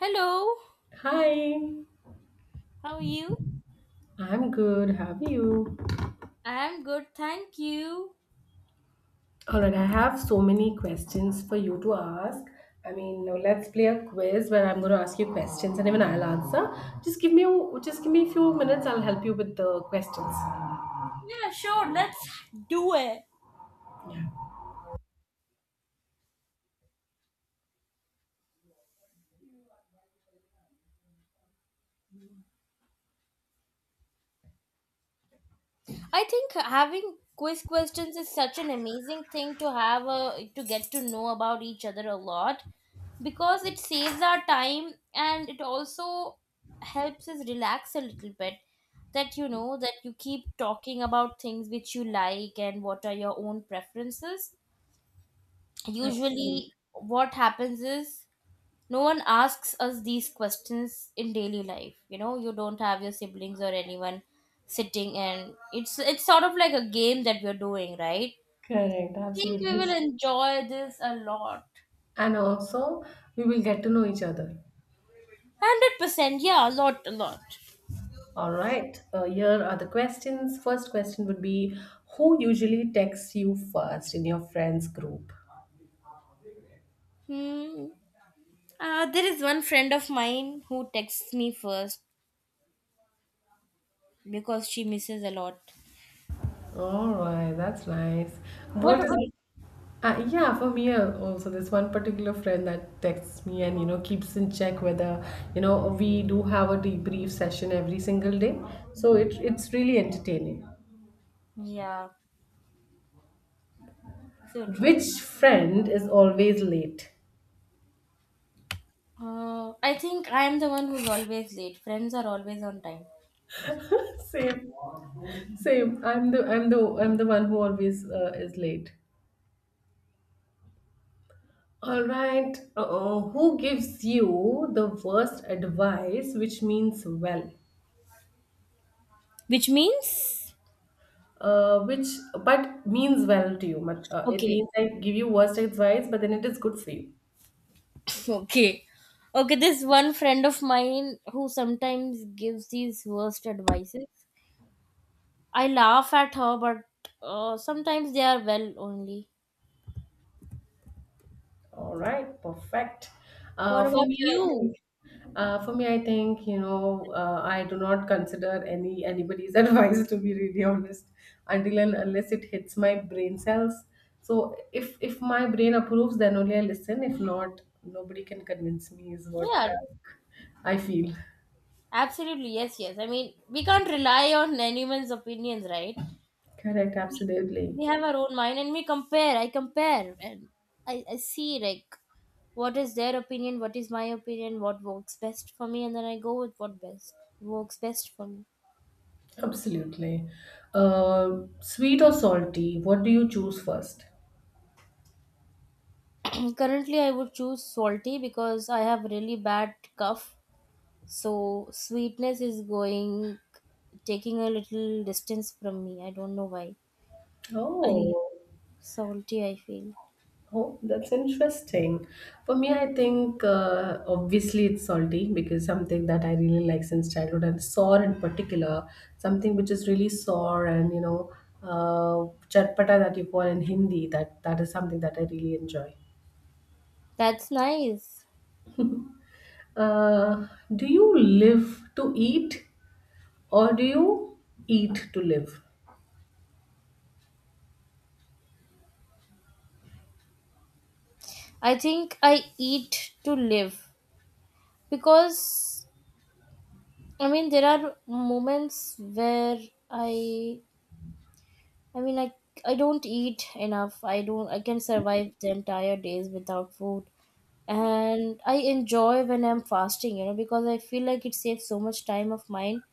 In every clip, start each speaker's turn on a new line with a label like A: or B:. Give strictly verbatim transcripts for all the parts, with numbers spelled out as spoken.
A: Hello,
B: Hi,
A: how are you?
B: I'm good. How are you?
A: I'm good, thank you.
B: All right, I have so many questions for you to ask. I mean, now let's play a quiz where I'm going to ask you questions and even I'll answer. Just give me just give me a few minutes. I'll help you with the questions.
A: Yeah, sure, let's do it.
B: Yeah,
A: I think having quiz questions is such an amazing thing to have a, to get to know about each other a lot, because it saves our time and it also helps us relax a little bit, that you know that you keep talking about things which you like and what are your own preferences.
B: absolutely.
A: Usually what happens is no one asks us these questions in daily life. You know, you don't have your siblings or anyone sitting, and it's it's sort of like a game that we're doing, right?
B: Correct.
A: I think we
B: Absolutely.
A: will enjoy this a lot.
B: And also, we will get to know each other.
A: one hundred percent. Yeah, a lot, a lot.
B: All right. Uh, here are the questions. First question would be, who usually texts you first in your friends group?
A: Hmm. uh, there is one friend of mine who texts me first because she misses a lot.
B: All right, that's nice.
A: What
B: What is
A: about?
B: uh, Yeah, for me, uh, also this one particular friend that texts me and you know keeps in check whether you know we do have a debrief session every single day. So it it's really entertaining.
A: Yeah, so true.
B: Which friend is always late?
A: Uh, i think I am the one who's always late. Friends are always on time.
B: Same. Same. I'm the I'm the I'm the one who always uh, is late. All right. Uh-oh. Who gives you the worst advice which means well?
A: Which means?
B: uh, which but means well to you. But, Uh, it means
A: Okay.
B: I give you worst advice, but then it is good for you.
A: Okay. Okay, this one friend of mine who sometimes gives these worst advices. I laugh at her, but uh, sometimes they are well only.
B: All right, perfect. Uh,
A: What
B: for
A: about
B: me, I
A: you?
B: think. Uh, for me, I think you know uh, I do not consider any anybody's advice to be really honest until and unless it hits my brain cells. So if if my brain approves, then only I listen. If not, nobody can convince me. Is what
A: Yeah,
B: I, I feel.
A: absolutely. Yes, yes. I mean, we can't rely on anyone's opinions, right?
B: Correct, absolutely.
A: We have our own mind and we compare. I compare and I, I see like what is their opinion, what is my opinion, what works best for me, and then I go with what best works best for me.
B: Absolutely. Uh, sweet or salty? What do you choose first?
A: Currently, I would choose salty because I have really bad cough. So sweetness is going, taking a little distance from me. I don't know why. I,
B: Oh,
A: salty, I feel.
B: oh, that's interesting. For me, I think uh, obviously it's salty because something that I really like since childhood, and sour in particular, something which is really sour and you know, uh, chatpata that you call in Hindi. That that is something that I really enjoy.
A: That's nice.
B: Uh, do you live to eat, or do you eat to live?
A: I think I eat to live because I mean there are moments where I I mean, like, I don't eat enough. I don't. I can survive the entire days without food, and I enjoy when I'm fasting. You know, because I feel like it saves so much time of mine,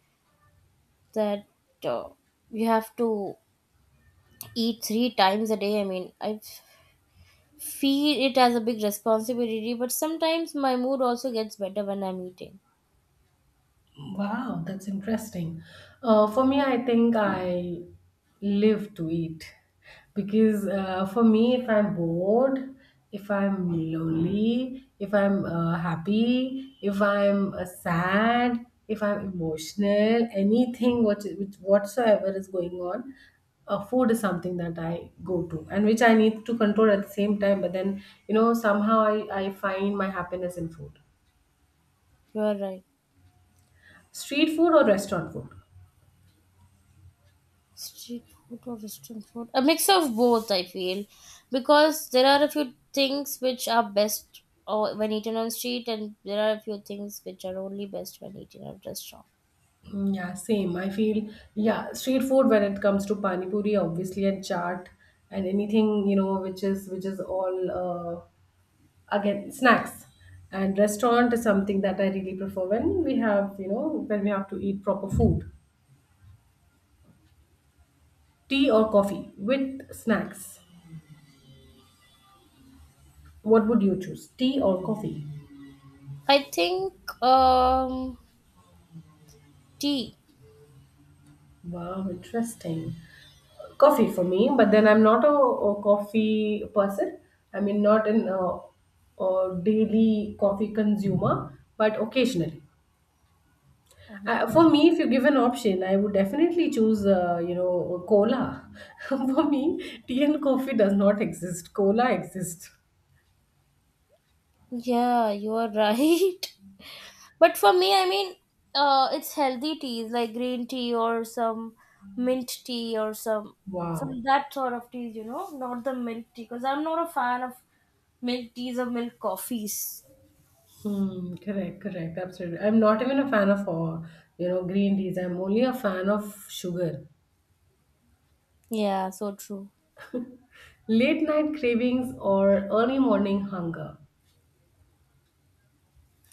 A: that uh, you have to eat three times a day. I mean, I feel it as a big responsibility, but sometimes my mood also gets better when I'm eating.
B: Wow, that's interesting. Uh, for me, I think I live to eat because uh, for me, if I'm bored, if I'm lonely, if I'm uh, happy, if I'm uh, sad, if I'm emotional, anything what, which whatsoever is going on, uh, food is something that I go to and which I need to control at the same time. But then, you know, somehow I, I find my happiness in food.
A: You're right.
B: Street food or restaurant food?
A: Street food or restaurant food? A mix of both, I feel, because there are a few things which are best or when eaten on street, and there are a few things which are only best when eaten at restaurant.
B: Mm, yeah, same. I feel, yeah, street food when it comes to pani puri, obviously, and chaat, and anything you know which is which is all uh, again snacks. And restaurant is something that I really prefer when we have you know when we have to eat proper food. Tea or coffee with snacks. What would you choose? Tea or coffee?
A: I think um tea.
B: Wow, interesting. Coffee for me, but then I'm not a, a coffee person. I mean, not an uh, a daily coffee consumer, but occasionally, uh,
A: Mhm.
B: for me, if you give an option, I would definitely choose uh, you know, cola for me. Tea and coffee does not exist, cola exists.
A: Yeah, you are right. But for me, I mean, uh, it's healthy teas like green tea or some mint tea or some some
B: Wow.
A: that sort of teas, you know, not the milk tea because I'm not a fan of milk teas or milk coffees.
B: Hmm, correct, correct, absolutely. I'm not even a fan of, uh, you know, green teas. I'm only a fan of sugar.
A: Yeah, so true.
B: Late night cravings or early morning hunger.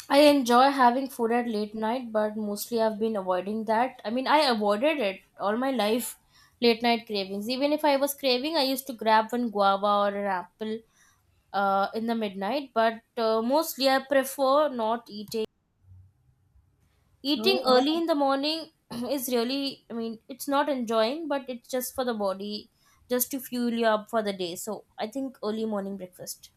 A: I enjoy having food at late night, but mostly I've been avoiding that. I mean, I avoided it all my life, late night cravings. Even if I was craving, I used to grab one guava or an apple uh, in the midnight, but uh, mostly I prefer not eating. Eating Uh,
B: Oh.
A: early in the morning is really, I mean, it's not enjoying, but it's just for the body, just to fuel you up for the day. So I think early morning breakfast.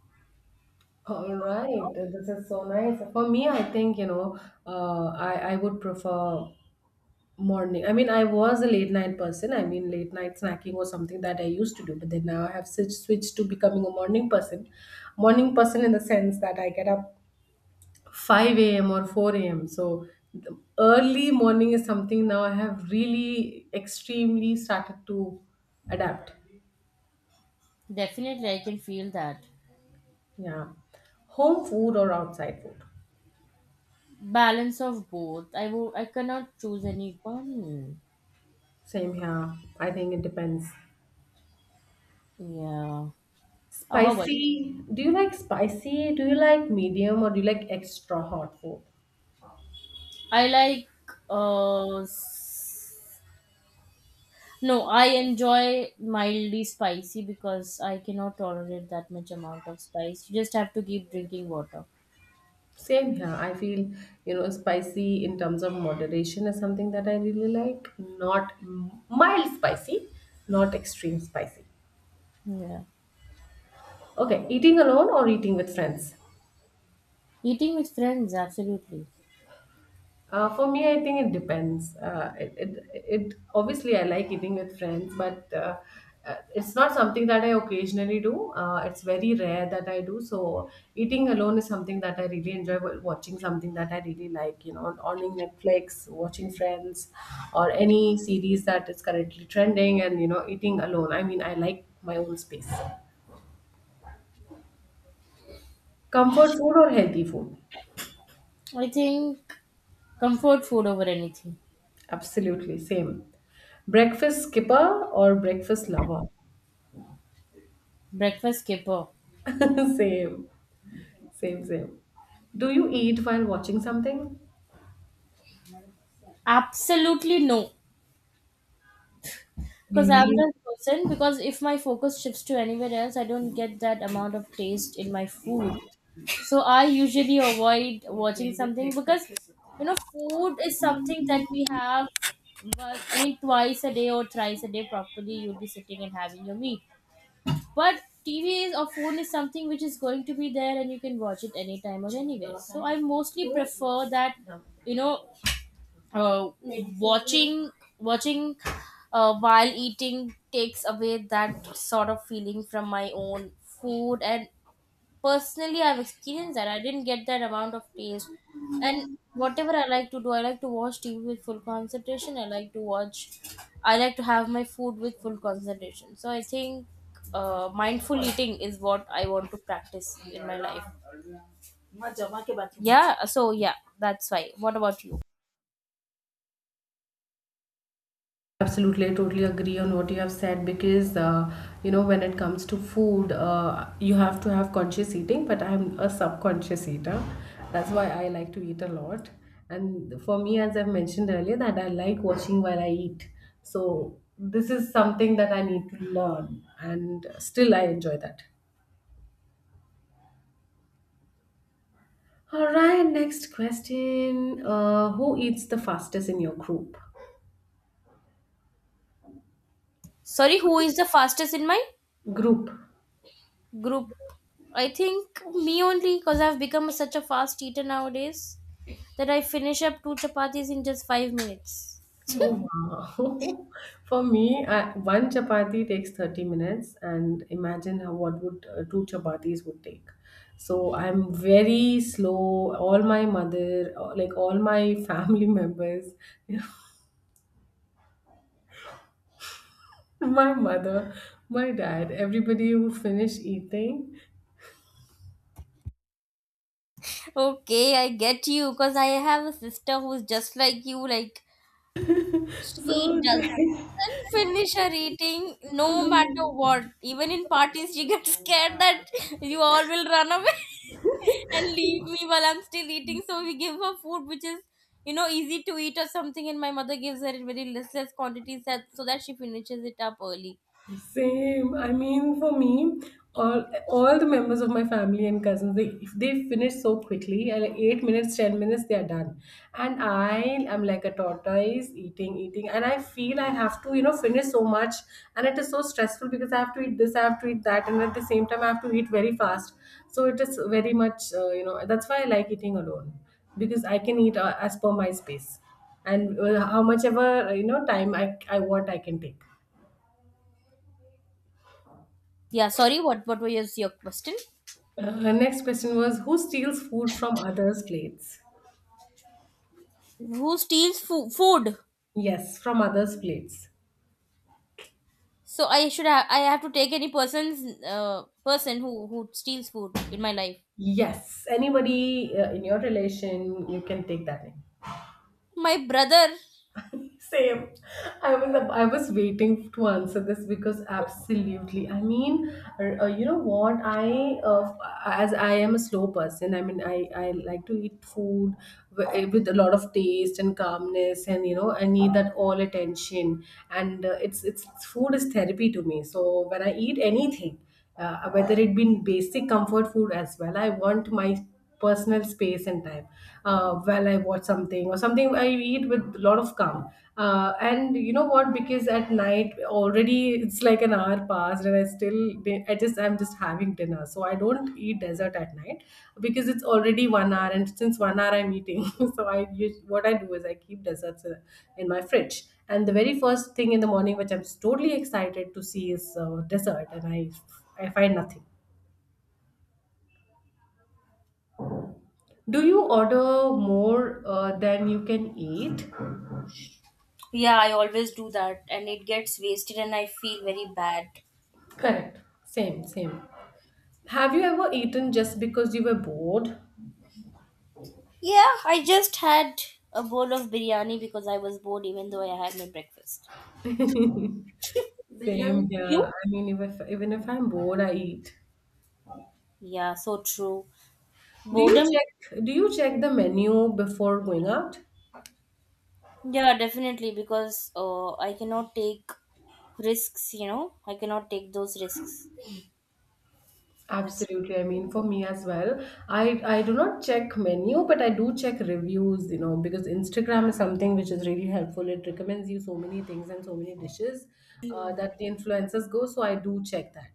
B: All right, this is so nice. For me, I think, you know, uh, I, I would prefer morning. I mean, I was a late night person. I mean, late night snacking was something that I used to do, but then now I have switched, switched to becoming a morning person. Morning person in the sense that I get up five a m or four a m. So the early morning is something now I have really extremely started to adapt.
A: Definitely, I can feel that.
B: Yeah. Home food or outside food?
A: Balance of both. I will. I cannot choose any one.
B: Same here. I think it depends.
A: Yeah. Uh, how about you?
B: Spicy. Do you like spicy? Do you like medium or do you like extra hot food?
A: I like. Uh, s- no, I enjoy mildly spicy because I cannot tolerate that much amount of spice. You just have to keep drinking water.
B: Same here. I feel, you know, spicy in terms of moderation is something that I really like. Not m- mild spicy, not extreme spicy.
A: Yeah.
B: Okay, eating alone or eating with friends?
A: Eating with friends, absolutely.
B: Uh, for me, I think it depends. Uh, it, it, it obviously I like eating with friends, but uh, uh, it's not something that I occasionally do. Uh, it's very rare that I do. So eating alone is something that I really enjoy. wa- Watching something that I really like, you know, on Netflix, watching Friends, or any series that is currently trending, and you know, eating alone. I mean, I like my own space. Comfort food or healthy food?
A: I think comfort food over anything.
B: Absolutely same. Breakfast skipper or breakfast lover?
A: Breakfast skipper.
B: Same, same, same. Do you eat while watching something?
A: Absolutely no. Because I'm
B: Really?
A: the person, because if my focus shifts to anywhere else, I don't get that amount of taste in my food. So I usually avoid watching something, because you know, food is something that we have, well, I mean, twice a day or thrice a day properly, you'll be sitting and having your meal. But T V is or phone is something which is going to be there, and you can watch it anytime or anywhere. So I mostly prefer that, you know, uh, watching watching uh, while eating takes away that sort of feeling from my own food. And personally, I've experienced that I didn't get that amount of taste. And whatever I like to do, I like to watch TV with full concentration. i like to watch I like to have my food with full concentration. So I think uh, mindful eating is what I want to practice in my life. Yeah, so yeah, that's why. What about you?
B: Absolutely, I totally agree on what you have said because uh, you know, when it comes to food, uh, you have to have conscious eating. But I'm a subconscious eater. That's why I like to eat a lot. And for me, as I've mentioned earlier, that I like watching while I eat. So this is something that I need to learn, and still I enjoy that. All right, next question. Uh, who eats the fastest in your group?
A: Sorry, who is the fastest in my
B: Group.
A: group? I think me only because I've become such a fast eater nowadays that I finish up two chapatis in just five minutes.
B: Oh wow. For me, I, one chapati takes thirty minutes and imagine how what would uh, two chapatis would take. So I'm very slow. All my mother, uh, like all my family members, my mother, my dad, everybody who finish eating.
A: Okay, I get you because I have a sister who's just like you. Like, she
B: So they
A: doesn't finish her eating no matter what. Even in parties, she gets scared that you all will run away and leave me while I'm still eating. So, we give her food which is, you know, easy to eat or something. And my mother gives her in very listless quantities that, so that she finishes it up early.
B: Same. I mean, for me, all all the members of my family and cousins, they if they finish so quickly, uh, like eight minutes, ten minutes, they are done. And I am like a tortoise eating, eating, and I feel I have to, you know, finish so much, and it is so stressful because I have to eat this, I have to eat that, and at the same time, I have to eat very fast. So it is very much, uh, you know, that's why I like eating alone because I can eat uh, as per my space, and uh, how much ever uh, you know, time I I want, I can take.
A: Yeah, sorry, what, what was your question?
B: Uh, her next question was, who steals food from others' plates?
A: Who steals fo- food?
B: Yes, from others' plates.
A: So I should have I have to take any person's, uh, person who who steals food in my life.
B: Yes, anybody uh, in your relation, you can take that in.
A: My brother.
B: Same. I was I was waiting to answer this because absolutely. I mean, r- uh, you know what? I uh, as I am a slow person. I mean, I I like to eat food wi- eh, with a lot of taste and calmness, and you know, I need that all attention. And uh, it's it's food is therapy to me. So when I eat anything, uh, whether it been basic comfort food as well, I want my personal space and time, uh, while I watch something or something, I eat with a lot of calm, uh, and you know what, because at night already it's like an hour passed and i still i just I'm just having dinner. So I don't eat dessert at night because it's already one hour, and since one hour I'm eating. So I use what I do is I keep desserts, uh, in my fridge, and the very first thing in the morning which I'm totally excited to see is uh, dessert, and i I find nothing. Do you order more uh, than you can eat?
A: Yeah, I always do that and it gets wasted and I feel very bad.
B: Correct. Same, same. Have you ever eaten just because you were bored?
A: Yeah, I just had a bowl of biryani because I was bored even though I had my breakfast.
B: Same
A: Biryani.
B: here.
A: You?
B: I mean, if, if- even if I'm bored, I eat.
A: Yeah, so true.
B: Do you
A: Boredom?
B: check do you check the menu before going out?
A: Yeah, definitely because uh, I cannot take risks, you know. I cannot take those risks. That's
B: Absolutely. I mean, for me as well, I I do not check menu, but I do check reviews, you know, because Instagram is something which is really helpful. It recommends you so many things and so many dishes, uh, that the influencers go. So I do check that.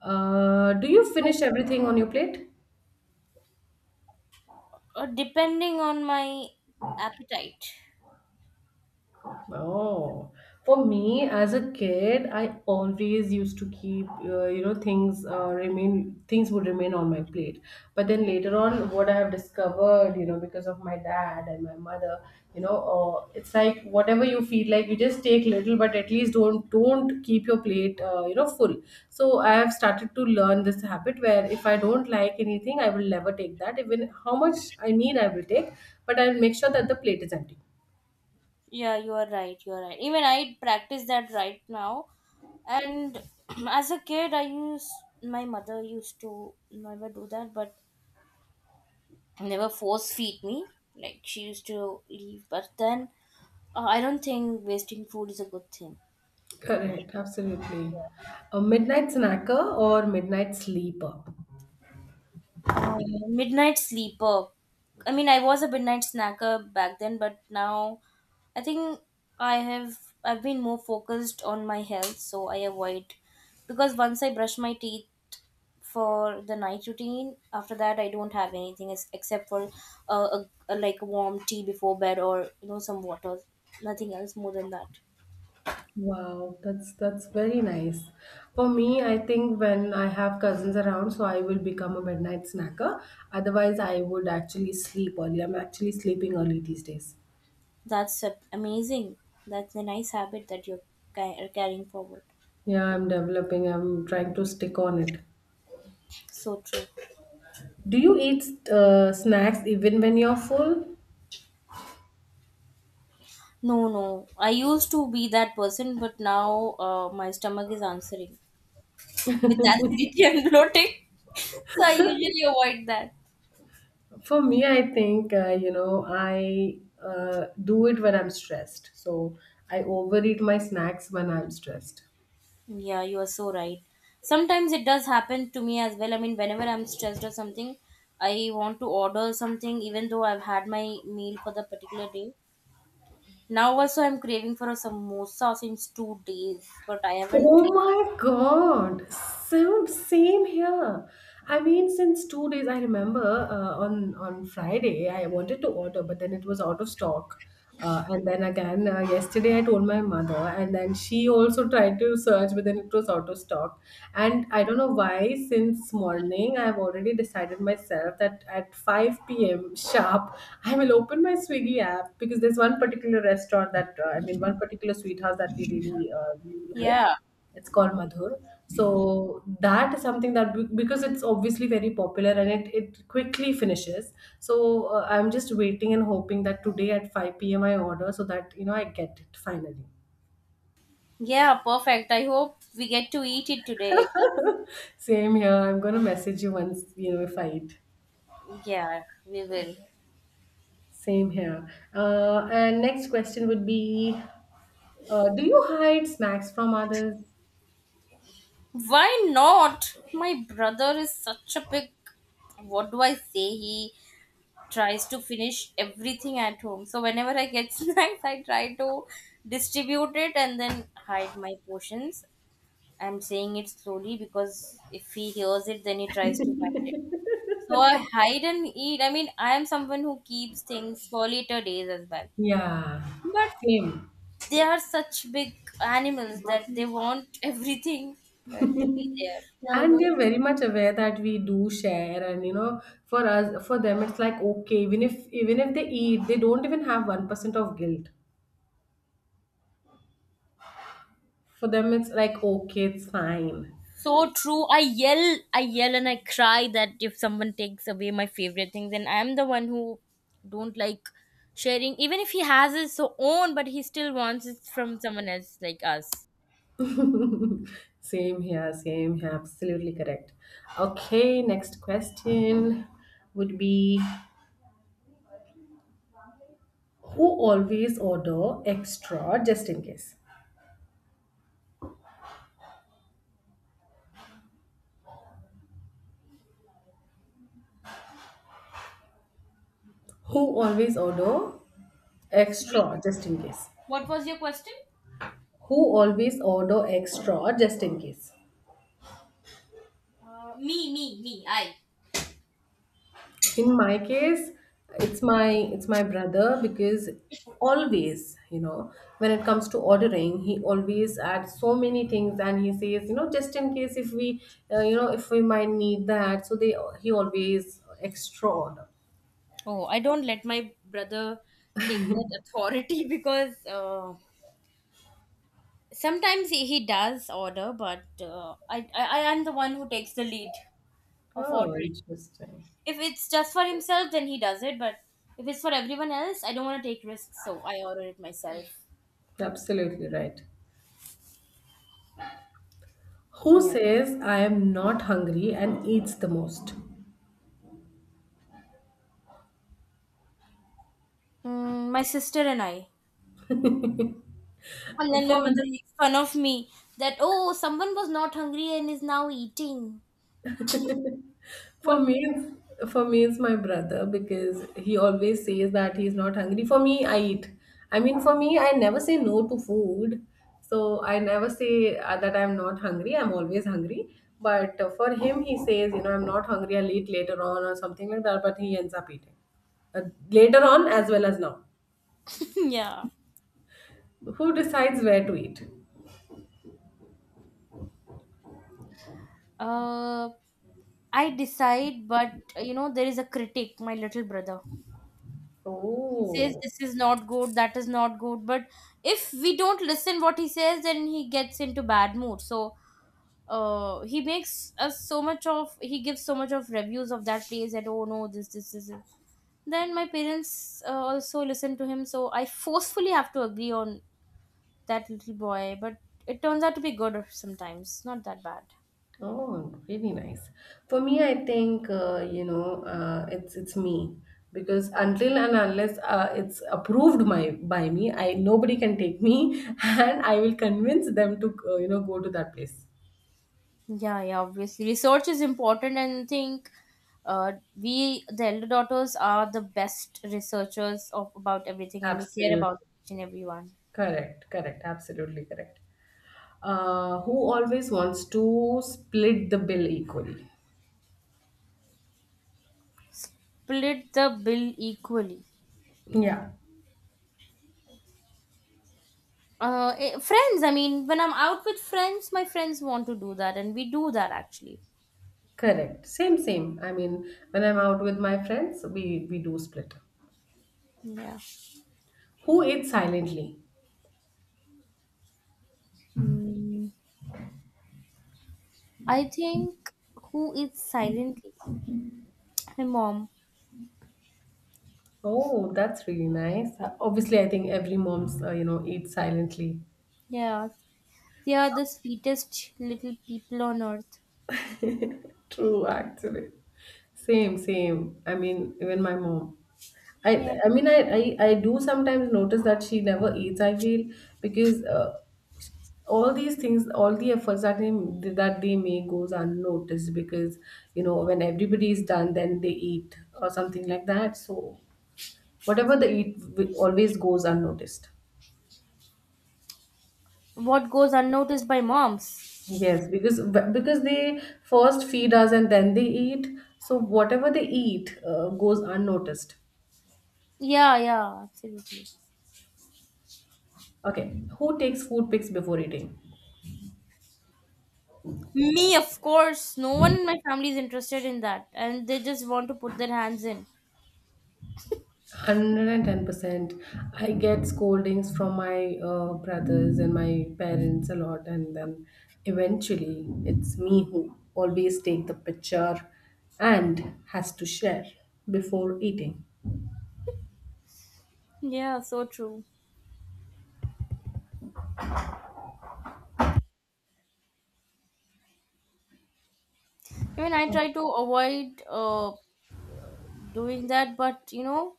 B: Uh, do you
A: so,
B: finish everything on your plate?
A: uh, depending on my appetite.
B: Oh, for me as a kid, I always used to keep, uh, you know, things uh, remain, things would remain on my plate. But then later on, what I have discovered, you know, because of my dad and my mother, you know, uh, it's like whatever you feel like, you just take little, but at least don't don't keep your plate, uh, you know, full. So I have started to learn this habit where if I don't like anything, I will never take that. Even how much I need, I will take, but I'll make sure that the plate is empty.
A: Yeah, you are right. You are right. Even I practice that right now. And as a kid, I used my mother used to never do that, but never force feed me. Like she used to leave, but then uh, I don't think wasting food is a good thing.
B: Correct, absolutely. A midnight snacker or midnight sleeper.
A: Uh, Midnight sleeper. I mean, I was a midnight snacker back then, but now I think I have I've been more focused on my health, so I avoid, because once I brush my teeth for the night routine, after that I don't have anything ex- except for uh, a, a, like, warm tea before bed, or you know, some water. Nothing else more than that.
B: Wow, that's that's very nice. For me, I think when I have cousins around, so I will become a midnight snacker. Otherwise, I would actually sleep early. I'm actually sleeping early these days.
A: that's a- amazing. That's a nice habit that you're ca- carrying forward.
B: Yeah, I'm developing. I'm trying to stick on it.
A: So true.
B: Do you eat uh, snacks even when you're full?
A: No, no, I used to be that person, but now uh, my stomach is answering with acidity and bloating. So I usually avoid that.
B: For me, I think, uh, you know, I uh, do it when I'm stressed. So I overeat my snacks when I'm stressed.
A: Yeah, you are so right. Sometimes it does happen to me as well. I mean, whenever I'm stressed or something, I want to order something even though I've had my meal for the particular day. Now also I'm craving for a samosa since two days, but I haven't.
B: Oh my God. Same, same here. I mean, since two days, I remember uh, on on Friday I wanted to order, but then it was out of stock. Uh, and then again uh, yesterday I told my mother, and then she also tried to search, but then it was out of stock. And I don't know why. Since morning, I've already decided myself that at five p m sharp, I will open my Swiggy app because there's one particular restaurant that uh, I mean, one particular sweet house that we really uh, like.
A: Yeah.
B: It's called Madhur, so that is something that be- because it's obviously very popular and it, it quickly finishes. So uh, I'm just waiting and hoping that today at five p.m I order so that you know I get it finally.
A: Yeah, perfect. I hope we get to eat it today.
B: Same here, I'm gonna message you once you know if I eat.
A: Yeah, we will.
B: Same here. Uh, and next question would be, uh, do you hide snacks from others?
A: Why not? My brother is such a big, what do I say? He tries to finish everything at home. So whenever I get snacks, I try to distribute it and then hide my portions. I'm saying it slowly because if he hears it, then he tries to hide it. So I hide and eat. I mean, I am someone who keeps things for later days as well.
B: Yeah,
A: But
B: same.
A: they are such big animals that they want everything uh, to be there.
B: And they're very much aware that we do share, and you know, for us, for them, it's like okay, even if even if they eat, they don't even have one percent of guilt. For them, it's like okay, it's fine.
A: So true. i yell I yell and I cry, that if someone takes away my favorite things, and I'm the one who don't like sharing, even if he has his own, but he still wants it from someone else, like us.
B: Same here, same here. Absolutely correct. Okay, next question would be, who always order extra just in case? Who always order
A: Sorry,
B: extra just in case?
A: what was your question?
B: Who always order extra just in case?
A: Uh, me, me, me. I
B: In my case, it's my it's my brother because always, you know, when it comes to ordering, he always adds so many things and he says, you know, just in case if we, uh, you know, if we might need that. So they, he always extra order.
A: Oh, I don't let my brother take that authority because uh, sometimes he, he does order, but uh, I, I i am the one who takes the lead of
B: Oh,
A: ordering.
B: interesting.
A: If it's just for himself, then he does it, but if it's for everyone else, I don't want to take risks, so I order it myself.
B: Absolutely right. Who
A: Yeah.
B: says I am not hungry and eats the most?
A: Mm, my sister and I. And then my
B: for
A: mother makes fun of me that, oh, someone was not hungry and is now eating. What?
B: For me, for me, it's my brother because he always says that he's not hungry. For me, I eat. I mean, for me, I never say no to food. So I never say uh, that I'm not hungry. I'm always hungry. But uh, for him, he says, you know, I'm not hungry. I'll eat later on or something like that. But he ends up eating uh, later on as well as now.
A: Yeah.
B: Who decides where to eat?
A: uh I decide, but uh, you know, there is a critic, my little brother. He says
B: Oh.
A: this is not good, that is not good. But if we don't listen what he says, then he gets into bad mood. So uh he makes us so much of he gives so much of reviews of that place that, oh no, this, this, this, this. Then my parents uh, also listen to him, so I forcefully have to agree on that little boy. But it turns out to be good sometimes, not that bad.
B: Oh, really nice. For me, I think uh, you know uh, it's it's me because until and unless uh, it's approved my by me, I nobody can take me, and I will convince them to uh, you know go to that place.
A: Yeah, yeah, obviously research is important. And I think uh, we, the elder daughters, are the best researchers of about everything, and we care
B: Absolutely
A: about each and everyone.
B: correct, correct, absolutely correct. Uh, who always wants to split the bill equally?
A: Split the bill equally?
B: Yeah,
A: Uh eh, friends. I mean, when I'm out with friends, my friends want to do that, and we do that actually.
B: correct. Same, same. I mean, when I'm out with my friends, we we do split.
A: Yeah.
B: Who eats silently?
A: Hmm. I think, who is silently? My mom.
B: Oh, that's really nice. Uh, Obviously, I think every mom's uh, you know eats silently.
A: Yeah, they are the sweetest little people on earth.
B: True, actually. Same, same. I mean, even my mom. I
A: Yeah.
B: I mean, I I, I do sometimes notice that she never eats. I feel, because uh, all these things, all the efforts that they that they make goes unnoticed because you know when everybody is done, then they eat or something like that. So whatever they eat wi- always goes unnoticed.
A: What goes unnoticed by moms?
B: Yes, because because they first feed us and then they eat. So whatever they eat uh, goes unnoticed.
A: Yeah, yeah, absolutely.
B: Okay, who takes food pics before eating?
A: Me, of course. No one in my family is interested in that, and they just want to put their hands in.
B: one hundred ten percent. I get scoldings from my uh, brothers and my parents a lot, and then eventually it's me who always take the picture and has to share before eating.
A: Yeah, so true. I mean, I try to avoid uh, doing that, but you know,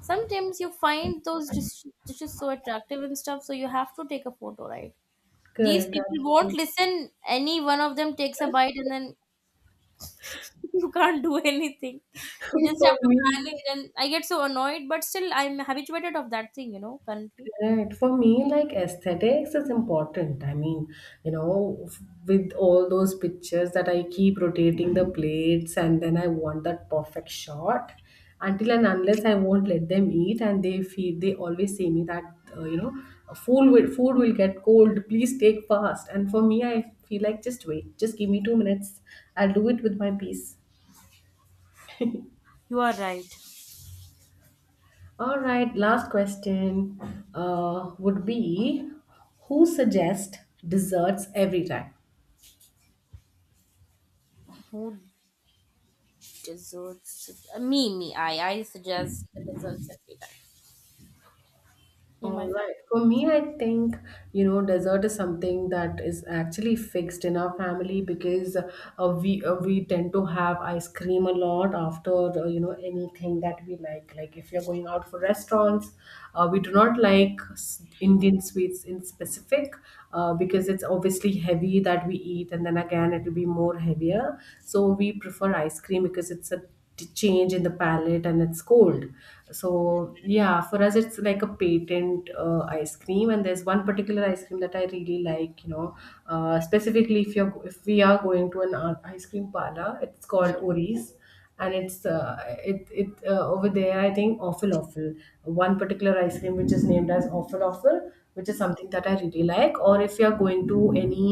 A: sometimes you find those dish- dishes so attractive and stuff, so you have to take a photo, right? These
B: Correct,
A: people won't
B: absolutely.
A: listen. Any one of them takes a bite and then you can't do anything. You just
B: For
A: have to
B: me.
A: manage, and I get so annoyed, but still I'm habituated of that thing, you know, currently.
B: Right. For me, like aesthetics is important. I mean, you know, f- with all those pictures that I keep rotating the plates and then I want that perfect shot until and unless I won't let them eat and they feed, they always say me that, uh, you know, food will, food will get cold. Please take fast. And for me, I feel like just wait, just give me two minutes. I'll do it with my peace.
A: You are right.
B: All right, last question uh, would be, who suggests desserts every time?
A: Who deserves? Me, me. I i suggest the desserts every time in my
B: All
A: family.
B: right. For me, I think, you know, dessert is something that is actually fixed in our family because uh, we uh, we tend to have ice cream a lot after, uh, you know, anything that we like. Like if you're going out for restaurants, uh, we do not like s- Indian sweets in specific uh, because it's obviously heavy that we eat and then again it will be more heavier. So we prefer ice cream because it's a t- change in the palette and it's cold. So yeah, for us it's like a patent, uh, ice cream. And there's one particular ice cream that I really like, you know, uh, specifically if you're if we are going to an uh, ice cream parlor. It's called Oris, and it's uh, it it uh, over there, I think, awful awful one particular ice cream which is named as Awful Awful, which is something that I really like. Or if you're going to any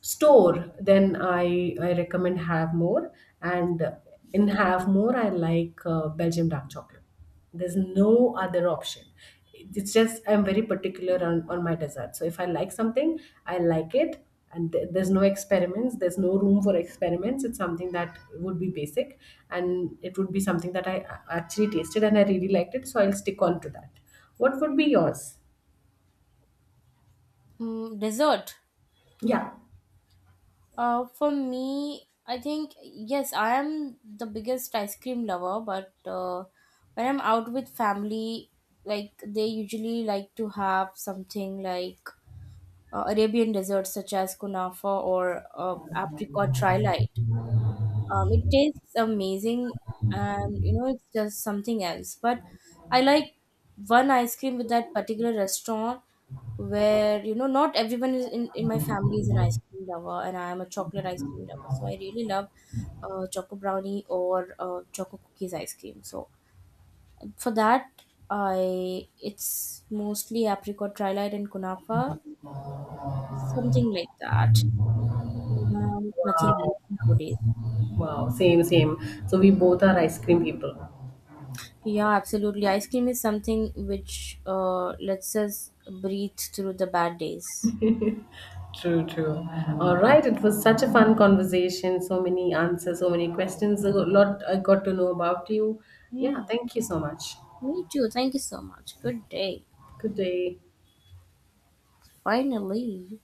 B: store, then i i recommend Have More. and and Have More, I like uh, Belgium dark chocolate. There's no other option. It's just I'm very particular on, on my dessert. So if I like something, I like it. And th- there's no experiments, there's no room for experiments. It's something that would be basic and it would be something that I a- actually tasted and I really liked it, so I'll stick on to that. What would be yours?
A: mm, Dessert.
B: Yeah,
A: Uh, for me, I think, yes, I am the biggest ice cream lover. But uh, when I'm out with family, like, they usually like to have something like uh, Arabian desserts such as kunafa or uh, apricot trilite. Um, it tastes amazing, and you know, it's just something else. But I like one ice cream with that particular restaurant, where you know, not everyone is in, in my family is an ice cream lover, and I am a chocolate ice cream lover, so I really love uh, choco brownie or uh, choco cookies ice cream. So for that, I it's mostly apricot trilite and kunafa, something like that. Um, nothing
B: wow.
A: else nowadays.
B: Wow, same, same. So we both are ice cream people.
A: Yeah, absolutely. Ice cream is something which uh, lets us breathe through the bad days.
B: True, true. All right, it was such a fun conversation. So many answers, so many questions. A lot I got to know about you. Yeah,
A: Yeah.
B: thank you so much.
A: Me too. Thank you so much. Good day.
B: Good day.
A: Finally.